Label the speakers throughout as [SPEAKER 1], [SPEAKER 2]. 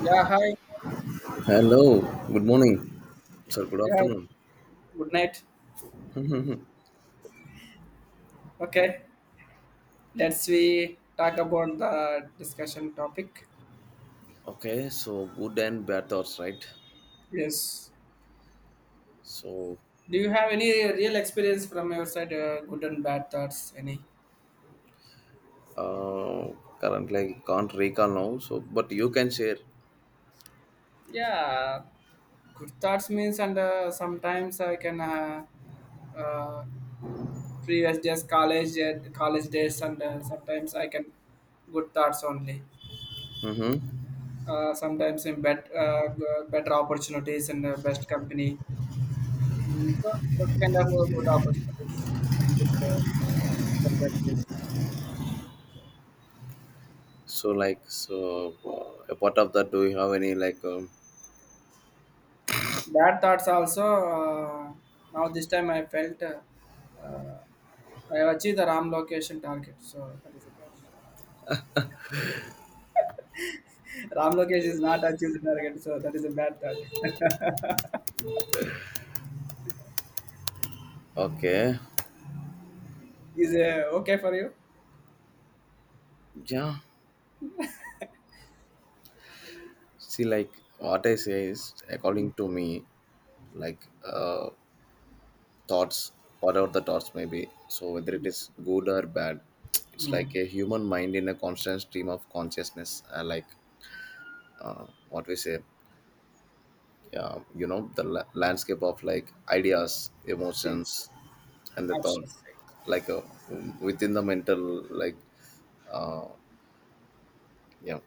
[SPEAKER 1] Yeah, hi.
[SPEAKER 2] Hello, good morning. Sir, good
[SPEAKER 1] Yeah,
[SPEAKER 2] afternoon.
[SPEAKER 1] good night. Okay, let's we talk about the discussion topic.
[SPEAKER 2] Okay, so good and bad thoughts, right?
[SPEAKER 1] Yes.
[SPEAKER 2] So,
[SPEAKER 1] Do you have any real experience from your side, good and bad thoughts? Any?
[SPEAKER 2] uh, Currently I can't recall now, so but you can share.
[SPEAKER 1] Yeah, good thoughts means, and sometimes I can uh, previous days, college, college days, and sometimes I can good thoughts only.
[SPEAKER 2] Mm-hmm.
[SPEAKER 1] Sometimes in better opportunities and best company. So that's kind of a good opportunities and good companies.
[SPEAKER 2] Apart of that, do you have any,
[SPEAKER 1] Bad thoughts also. Now this time I felt uh, I achieved the Ram location target. So that is a bad. Ram location is not achieved the target. So that is a bad thought.
[SPEAKER 2] okay,
[SPEAKER 1] Is okay for you?
[SPEAKER 2] yeah, see, what I say is according to me, like, uh, thoughts whatever the thoughts may be, so whether it is good or bad, it's like
[SPEAKER 1] Mm.
[SPEAKER 2] a human mind in a constant stream of consciousness, like what we say, yeah, you know the landscape of like ideas,
[SPEAKER 1] Yes.
[SPEAKER 2] emotions and the thoughts,
[SPEAKER 1] Absolutely.
[SPEAKER 2] like within the mental, like, uh, yeah,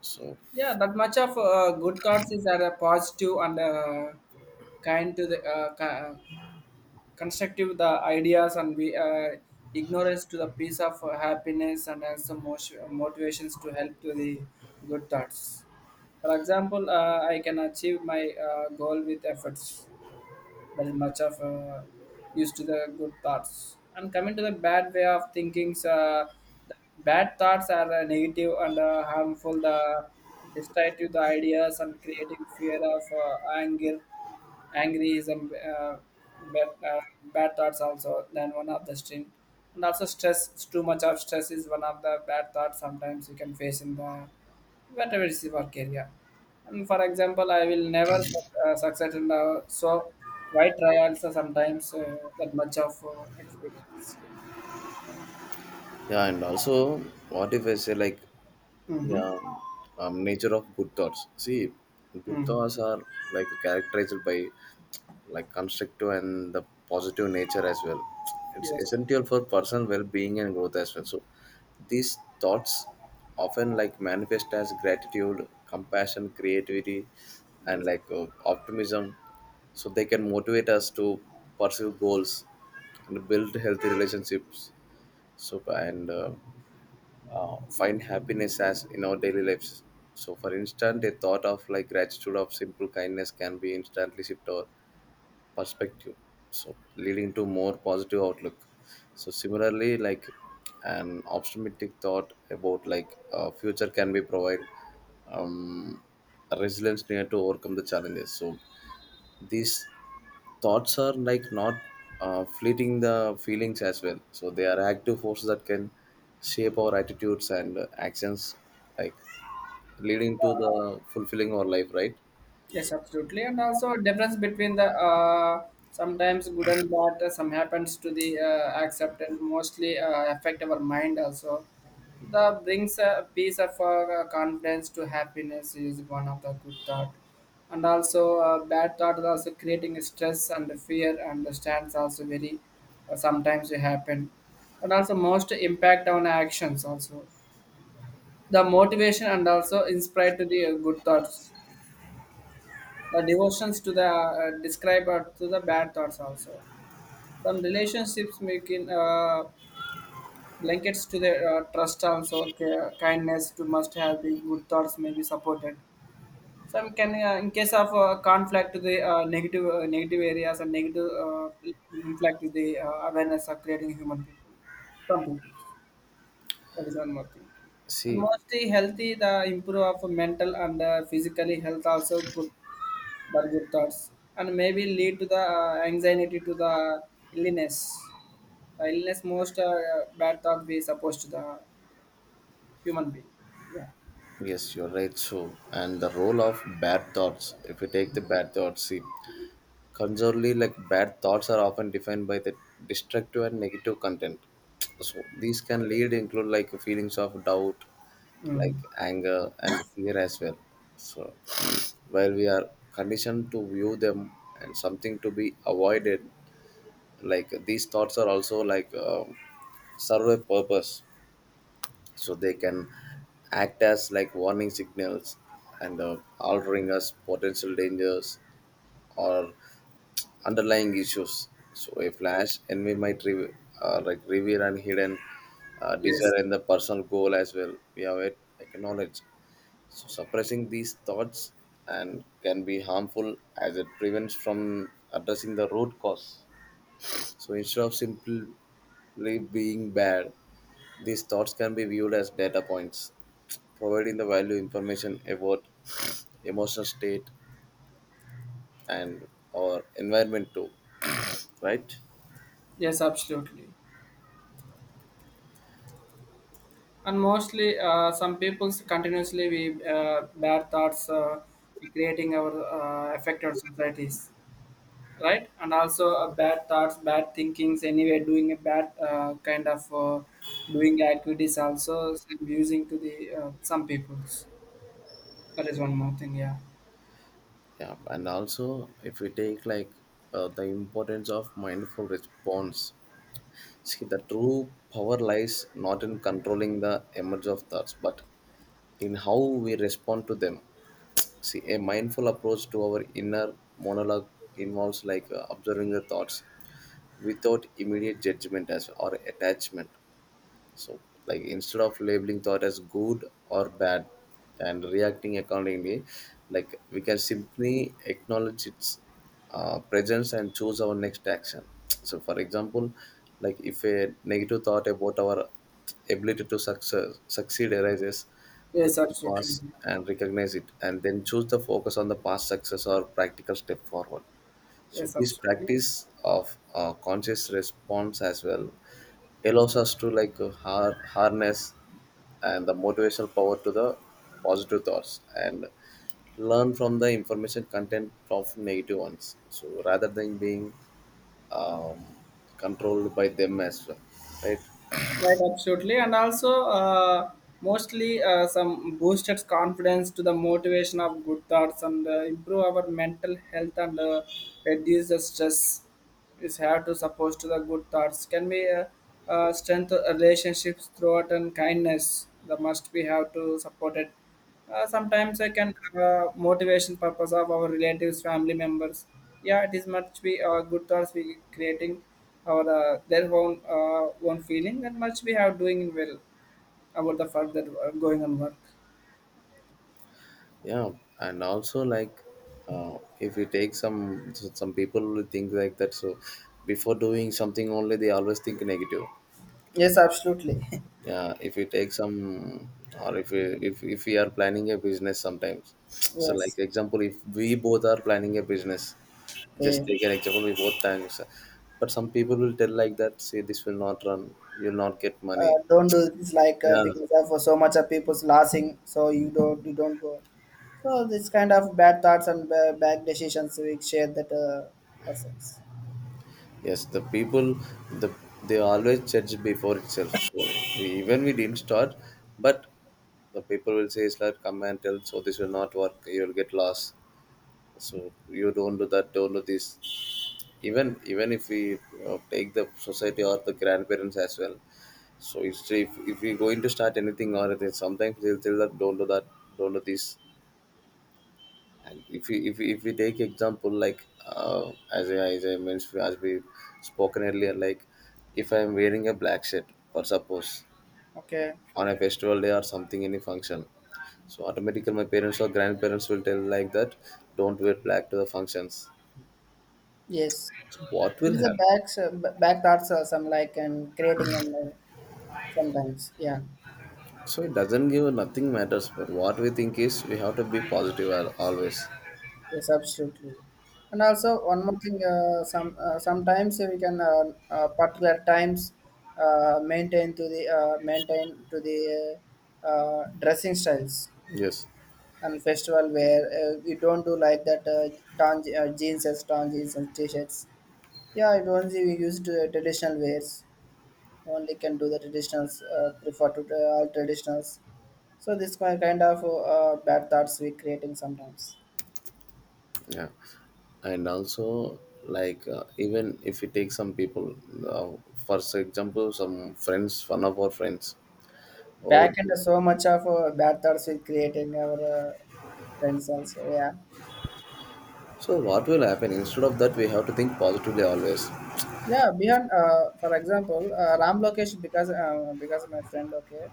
[SPEAKER 2] so
[SPEAKER 1] Yeah, that much of good thoughts is are positive and kind to the constructive the ideas and we ignorance to the piece of happiness and also motivations to help to the good thoughts. For example, I can achieve my goal with efforts. That is much of used to the good thoughts, and coming to the bad way of thinkings, the bad thoughts are negative and harmful, the destructive the ideas, and creating fear of anger. Angry is a uh, bad, uh, bad thoughts also, than one of the stream. And also stress, too much of stress is one of the bad thoughts sometimes you can face in the whatever is your work area. And for example, I will never succeed in the so why try also, sometimes that much of experience.
[SPEAKER 2] yeah, and also what if I say like,
[SPEAKER 1] Mm-hmm.
[SPEAKER 2] yeah, nature of good thoughts. See, good
[SPEAKER 1] Mm.
[SPEAKER 2] thoughts are like characterized by like constructive and the positive nature as well. It's
[SPEAKER 1] Yes.
[SPEAKER 2] essential for personal well-being and growth as well. So these thoughts often like manifest as gratitude, compassion, creativity, and
[SPEAKER 1] Yes.
[SPEAKER 2] optimism. So they can motivate us to pursue goals and build healthy relationships. So and Find happiness as in our daily lives. So, for instance, a thought of like gratitude of simple kindness can be instantly shift our perspective, so leading to more positive outlook. So similarly, like an optimistic thought about future can be provide um, resilience needed to overcome the challenges. So these thoughts are like not fleeting the feelings as well, so they are active forces that can shape our attitudes and actions, like leading to the fulfilling our life, right?
[SPEAKER 1] Yes, absolutely. And also difference between the sometimes good and bad. Some happens to the accept and mostly affect our mind also. The brings a piece of confidence to happiness is one of the good thought. And also bad thought is also creating stress and fear, and the stands also very sometimes it happen. And also most impact on actions also. The motivation and also inspired to the good thoughts, the devotions to the describe to the bad thoughts also. From relationships making blankets to the trust also, kindness to must have the good thoughts may be supported, some can in case of conflict to the negative areas and negative inflict to the awareness of creating human people, some people. That is one more thing. And
[SPEAKER 2] See,
[SPEAKER 1] mostly healthy, the improve of mental and physically health also good, the good thoughts, and maybe lead to the anxiety to the illness. The illness most bad thought we supposed to the human being. Yeah.
[SPEAKER 2] yes, you're right. So, and the role of bad thoughts. If we take the bad thoughts, see, conservatively, like bad thoughts are often defined by the destructive and negative content. So, these can lead include like feelings of doubt, like
[SPEAKER 1] Mm.
[SPEAKER 2] anger and fear as well. So, while we are conditioned to view them and something to be avoided, like these thoughts are also serve a purpose, so they can act as like warning signals and altering us potential dangers or underlying issues. So a flash envy might like reveal and hidden
[SPEAKER 1] Yes.
[SPEAKER 2] desire and the personal goal as well we have it acknowledged. So suppressing these thoughts and can be harmful as it prevents from addressing the root cause. So instead of simply being bad, these thoughts can be viewed as data points, providing the value information about emotional state and or environment too, right?
[SPEAKER 1] Yes, absolutely. And mostly, some people continuously we bad thoughts creating our affected societies. Right, and also bad thoughts, bad thinkings anyway doing a bad kind of doing activities also, using to the some people's. That is one more thing. Yeah.
[SPEAKER 2] Yeah, and also if we take the importance of mindful response. See, the true power lies not in controlling the emerge of thoughts, but in how we respond to them. See, a mindful approach to our inner monologue involves observing the thoughts without immediate judgment as or attachment. So like instead of labeling thought as good or bad and reacting accordingly, like we can simply acknowledge its presence and choose our next action. So for example, like if a negative thought about our ability to success, succeed arises, we
[SPEAKER 1] Yes,
[SPEAKER 2] can
[SPEAKER 1] absolutely.
[SPEAKER 2] pause and recognize it and then choose the focus on the past success or practical step forward. So
[SPEAKER 1] Yes,
[SPEAKER 2] this
[SPEAKER 1] absolutely.
[SPEAKER 2] practice of conscious response as well allows us to harness and the motivational power to the positive thoughts and learn from the information content of negative ones. So rather than being um, controlled by them as well, right?
[SPEAKER 1] Right, absolutely, and also mostly some boosted confidence to the motivation of good thoughts and improve our mental health and reduce the stress. Is have to suppose to the good thoughts. Can we strengthen relationships throughout and kindness? The must we have to support it, sometimes I can motivation purpose of our relatives, family members. Yeah, it is much we good thoughts we creating our their own own feeling, and much we have doing well about the further going on work.
[SPEAKER 2] Yeah, and also if we take some people will think like that. So before doing something only, they always think negative.
[SPEAKER 1] Yes, absolutely.
[SPEAKER 2] Yeah, if we take some, or if we, if we are planning a business sometimes so like
[SPEAKER 1] Yes.
[SPEAKER 2] example if we both are planning a business, just
[SPEAKER 1] Okay.
[SPEAKER 2] take an example, we both times, but some people will tell like that, say this will not run, you'll not get money.
[SPEAKER 1] Don't do this like
[SPEAKER 2] Yeah,
[SPEAKER 1] because of so much of people's laughing, so you don't go. So this kind of bad thoughts and bad decisions we share that persons.
[SPEAKER 2] yes, the people, the they always judge before itself. So we- even we didn't start, but the people will say it's like come and tell, so this will not work, you'll get lost. So you don't do that, don't do this. Even if we, you take the society or the grandparents as well. So it's if we going to start anything or it is, sometimes they'll tell that don't do that, don't do this. And if we, if we take example like as I mentioned, as we spoken earlier, like if I'm wearing a black shirt for suppose
[SPEAKER 1] Okay.
[SPEAKER 2] on a festival day or something any function, so automatically my parents or grandparents will tell like that, don't wear black to the functions.
[SPEAKER 1] Yes.
[SPEAKER 2] So what
[SPEAKER 1] It
[SPEAKER 2] will
[SPEAKER 1] is a
[SPEAKER 2] happen?
[SPEAKER 1] back so, back thoughts or some like and creating and sometimes, yeah.
[SPEAKER 2] So it doesn't give nothing matters, but what we think is we have to be positive, always.
[SPEAKER 1] Yes, absolutely. And also one more thing, sometimes we can particular times maintain to the dressing styles
[SPEAKER 2] Yes,
[SPEAKER 1] and festival where you don't do like that, tan jeans and t-shirts. Yeah, it only we used traditional wares, only can do the traditionals, prefer to all traditionals. So this kind of bad thoughts we creating sometimes.
[SPEAKER 2] yeah, and also even if we take some people, uh, for example, some friends, one of our friends. Oh,
[SPEAKER 1] Back end, so much of bad thoughts we creating our friends also. Yeah.
[SPEAKER 2] so what will happen? Instead of that, we have to think positively always.
[SPEAKER 1] Yeah, beyond, for example, Ram Lokesh, because of my friend, okay,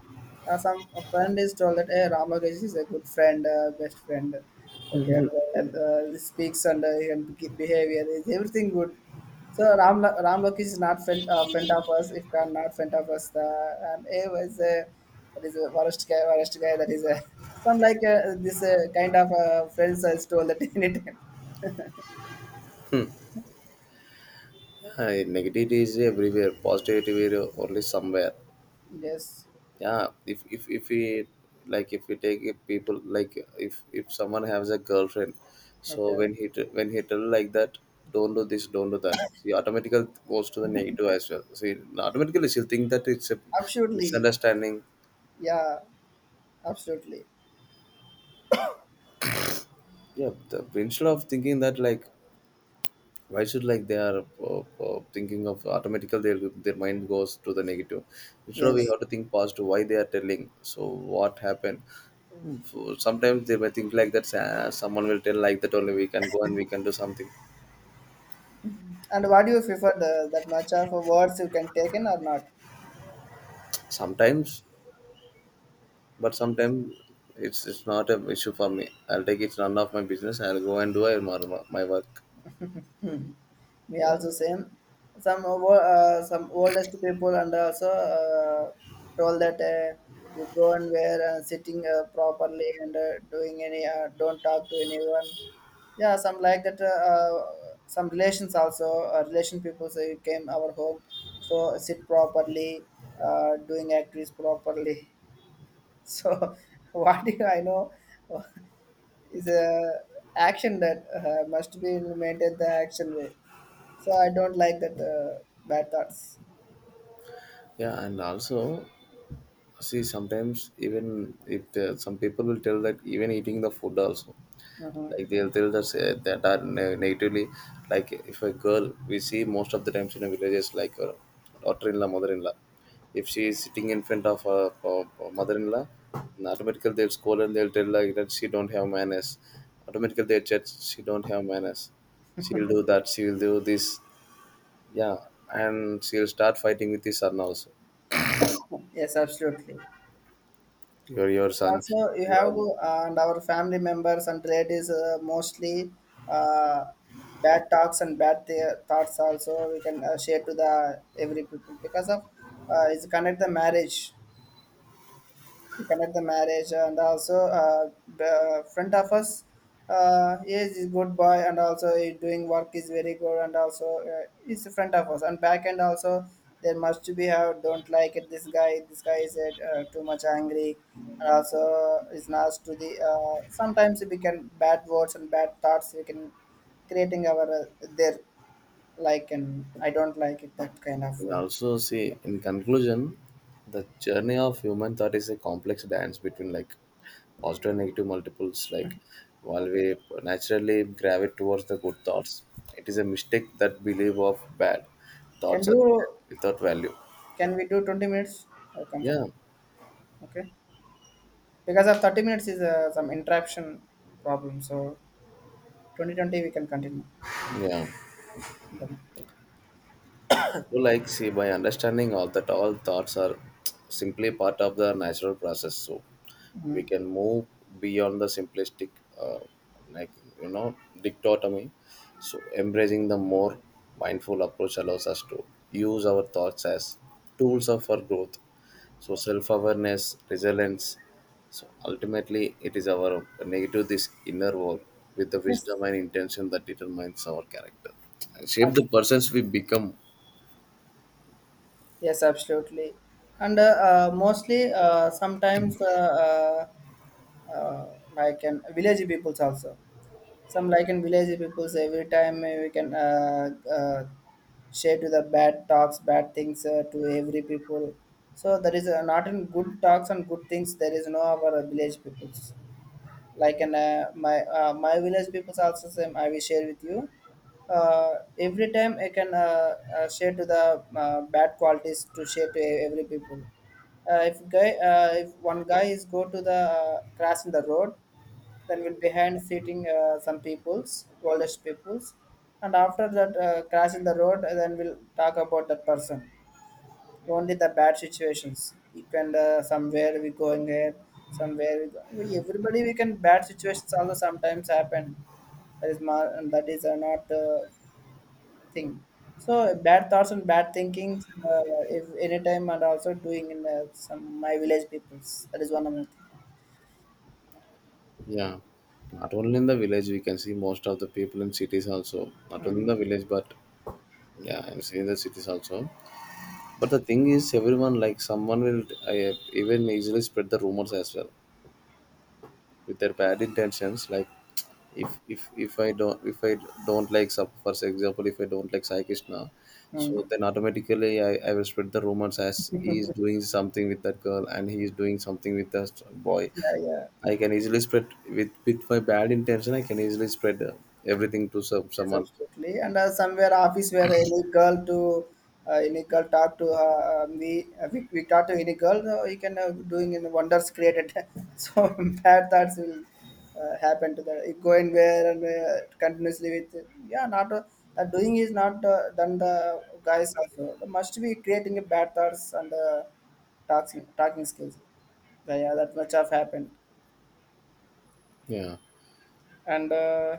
[SPEAKER 1] some a friend is told that hey, Ram Lokesh is a good friend, best friend, okay, and he speaks and behavior is everything good. So Ram Lokesh is not friend friend of us. If can not friend of us, the and he was a that is a worst guy, worst guy. That is a some like this kind of friends I told that anytime.
[SPEAKER 2] Yeah, negativity is everywhere. Positivity is only somewhere.
[SPEAKER 1] Yes.
[SPEAKER 2] Yeah, if we, like if we take it, people like if someone has a girlfriend, so
[SPEAKER 1] Okay.
[SPEAKER 2] when he when he tell like that, don't do this, don't do that, she automatically goes to the negative as well. See, automatically she'll think that it's a
[SPEAKER 1] Absolutely.
[SPEAKER 2] misunderstanding.
[SPEAKER 1] Yeah. Absolutely.
[SPEAKER 2] Yeah, the, instead of thinking that like why should like they are thinking of automatical their mind goes to the negative. Instead of, we
[SPEAKER 1] Yes.
[SPEAKER 2] have to think positive, why they are telling, so what happened? So sometimes they may think like that, someone will tell like that, only we can go and we can do something.
[SPEAKER 1] And what do you prefer the, that much of words you can take in or not?
[SPEAKER 2] Sometimes, but
[SPEAKER 1] Yes.
[SPEAKER 2] sometimes it's, not an issue for me, I'll take, it's none of my business, I'll go and do my, my work.
[SPEAKER 1] We
[SPEAKER 2] Yeah,
[SPEAKER 1] also same. Some oldest people and also told that you go and wear sitting properly and doing any don't talk to anyone. Yeah, some like that. Some relations also relation people say you came our home, so sit properly, doing activities properly. So what do I know is a action that must be implemented the action way. So I don't like that bad thoughts.
[SPEAKER 2] yeah, and also, see sometimes even if some people will tell that even eating the food also,
[SPEAKER 1] Mhm.
[SPEAKER 2] like they'll tell us that are natively, like if a girl we see most of the times in the villages, like a daughter-in-law mother-in-law, if she is sitting in front of her, mother-in-law, automatically they'll scold and they'll tell like that she don't have manners. Automatically they judge, she don't have manners, she'll do that, she'll do this, yeah, and she'll start fighting with his son also.
[SPEAKER 1] Yes, absolutely.
[SPEAKER 2] You're, your son,
[SPEAKER 1] Also, you
[SPEAKER 2] you are.
[SPEAKER 1] have and our family members and relatives mostly uh, bad talks and bad thoughts also we can share to the every people, because of it's connect the marriage, we connect the marriage, and also uh, the front of us, he is good boy and also he doing work is very good, and also is front of us and back end also. There must be have. Don't like it, this guy, this guy is too much angry and also is nice to the sometimes we can bad words and bad thoughts we can creating our their like. And I don't like it that kind of
[SPEAKER 2] And also, see, in conclusion, the journey of human thought is a complex dance between like positive and negative multiples. Like, while we
[SPEAKER 1] okay.
[SPEAKER 2] naturally gravitate towards the good thoughts, it is a mistake that believe of bad
[SPEAKER 1] Can
[SPEAKER 2] thoughts are
[SPEAKER 1] do,
[SPEAKER 2] without value.
[SPEAKER 1] can we do 20 minutes comfortable?
[SPEAKER 2] Yeah,
[SPEAKER 1] Okay. Because of 30 minutes is some interruption problem. So 2020 we can continue.
[SPEAKER 2] yeah. So, like, see, by understanding all that, all thoughts are simply part of the natural process, so we
[SPEAKER 1] Mhm.
[SPEAKER 2] can move beyond the simplistic, uh, like, you know, dichotomy. So, embracing the more mindful approach allows us to use our thoughts as tools of our growth. So, self awareness, resilience. So, ultimately, it is our negative, this inner world with the
[SPEAKER 1] Yes.
[SPEAKER 2] wisdom and intention that determines our character and shape
[SPEAKER 1] Ab-
[SPEAKER 2] the persons we become.
[SPEAKER 1] Yes, absolutely. And mostly sometimes uh, uh, like in village peoples also. Some like in village peoples every time we can share to the bad talks, bad things, to every people. So there is not in good talks and good things. There is no our village peoples. Like, and my village people also same, I will share with you. uh, every time i can share to the bad qualities, to share to every people. If one guy is go to the crash in the road, then will behind sitting some peoples, oldest peoples, and after that crash in the road, then we'll talk about that person, only the bad situations you can somewhere we going there, somewhere we go, we, everybody we can bad situations also sometimes happen. That is and that is not thing. So bad thoughts and bad thinkings if anytime and also doing in some my village peoples, that is one of the
[SPEAKER 2] Yeah, not only in the village, we can see most of the people in cities also.
[SPEAKER 1] thing.
[SPEAKER 2] Not only in
[SPEAKER 1] Mm,
[SPEAKER 2] the village, but yeah, I'm seeing the cities also. But the thing is, everyone, like someone will even easily spread the rumors as well with their bad intentions. Like if I don't, if I don't like for example, if I don't like Sai Krishna, so
[SPEAKER 1] mm.
[SPEAKER 2] then automatically I will spread the rumors as he is doing something with that girl and he is doing something with that boy.
[SPEAKER 1] Yeah, yeah.
[SPEAKER 2] I can easily spread with my bad intention. I can easily spread everything to some,
[SPEAKER 1] Yes,
[SPEAKER 2] someone.
[SPEAKER 1] absolutely. And somewhere office where any girl to any girl talk to me, we talk to any girl, you can doing in wonders created. So bad thoughts will happen to that. You go in where and continuously with, yeah, not that doing is not done the guys also. They must be creating a bad thoughts and talking skills. But yeah, that much have happened.
[SPEAKER 2] Yeah,
[SPEAKER 1] And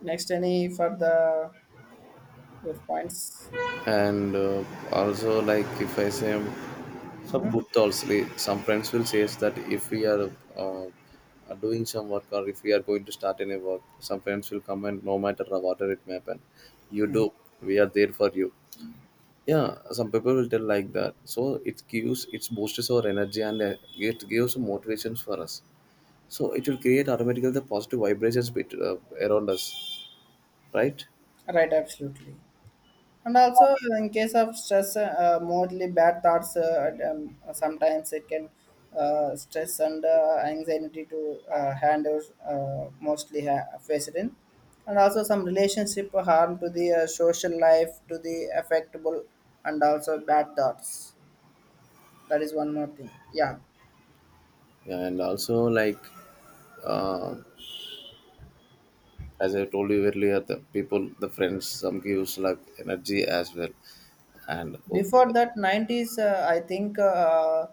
[SPEAKER 1] next, any for the your points.
[SPEAKER 2] and also like if I say some good thoughts, some friends will say is that if we uh, are doing some work or if we are going to start any work, some friends will come, and no matter what it may happen, you do. We are there for you. Yeah, some people will tell like that. So it gives, it boosts our energy and it gives motivations for us, so it will create automatically the positive vibrations bet around us, right?
[SPEAKER 1] Right, absolutely. And also, in case of stress, mostly bad thoughts, sometimes it can stress and anxiety to handle, mostly face it in. And also, some relationship harm to the social life, to the affectable, and also bad thoughts. That is one more thing. Yeah.
[SPEAKER 2] Yeah, and also uh, as I told you earlier, the people, the friends some gives like energy as well, and oh,
[SPEAKER 1] Before that, 90s, I think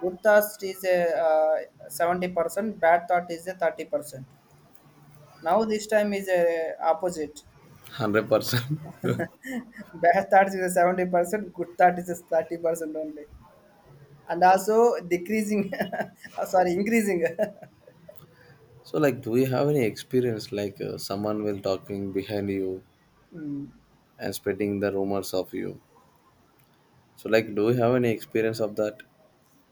[SPEAKER 1] good thoughts is a, 70%, bad thought is a 30%. Now this time is opposite.
[SPEAKER 2] 100%.
[SPEAKER 1] Bad thoughts is 70%, good thought is 30% only, and also decreasing. Sorry, increasing.
[SPEAKER 2] So like do you have any experience like someone will talking behind you
[SPEAKER 1] Mm.
[SPEAKER 2] and spreading the rumors of you, so like do you have any experience of that?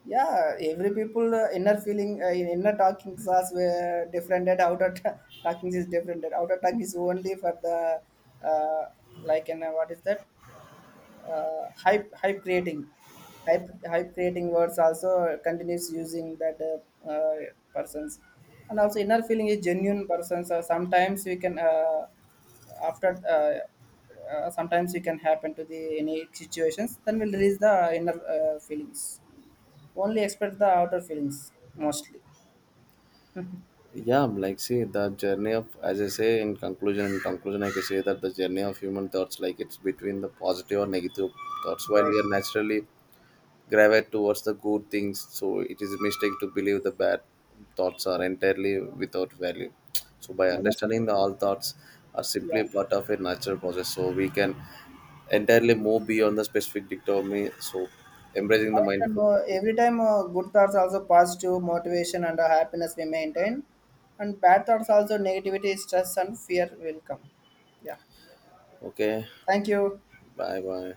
[SPEAKER 1] Yeah, every people inner feeling, inner talking class were different. And outer talking is different. And outer talking is only for the uh, like. And what is that? Hype creating, hype hype creating words also continues using that persons. And also inner feeling is genuine persons, sometimes we can after sometimes we can happen to the any situations, then we'll release the inner feelings, only expect the outer feelings mostly.
[SPEAKER 2] Yeah, I'm like see, the journey of, as I say in conclusion, in conclusion I can say that the journey of human thoughts, like it's between the positive or negative thoughts, while
[SPEAKER 1] Right,
[SPEAKER 2] we are naturally gravitate towards the good things, so it is a mistake to believe the bad thoughts are entirely without value. So by understanding
[SPEAKER 1] mostly,
[SPEAKER 2] the all thoughts are simply
[SPEAKER 1] yeah.
[SPEAKER 2] part of a natural process, so we can entirely move beyond the specific dictotomy, so embracing the
[SPEAKER 1] And,
[SPEAKER 2] mindful approach.
[SPEAKER 1] every time good thoughts also positive motivation and happiness we maintain, and bad thoughts also negativity, stress and fear will come. Yeah,
[SPEAKER 2] Okay,
[SPEAKER 1] thank you.
[SPEAKER 2] bye bye.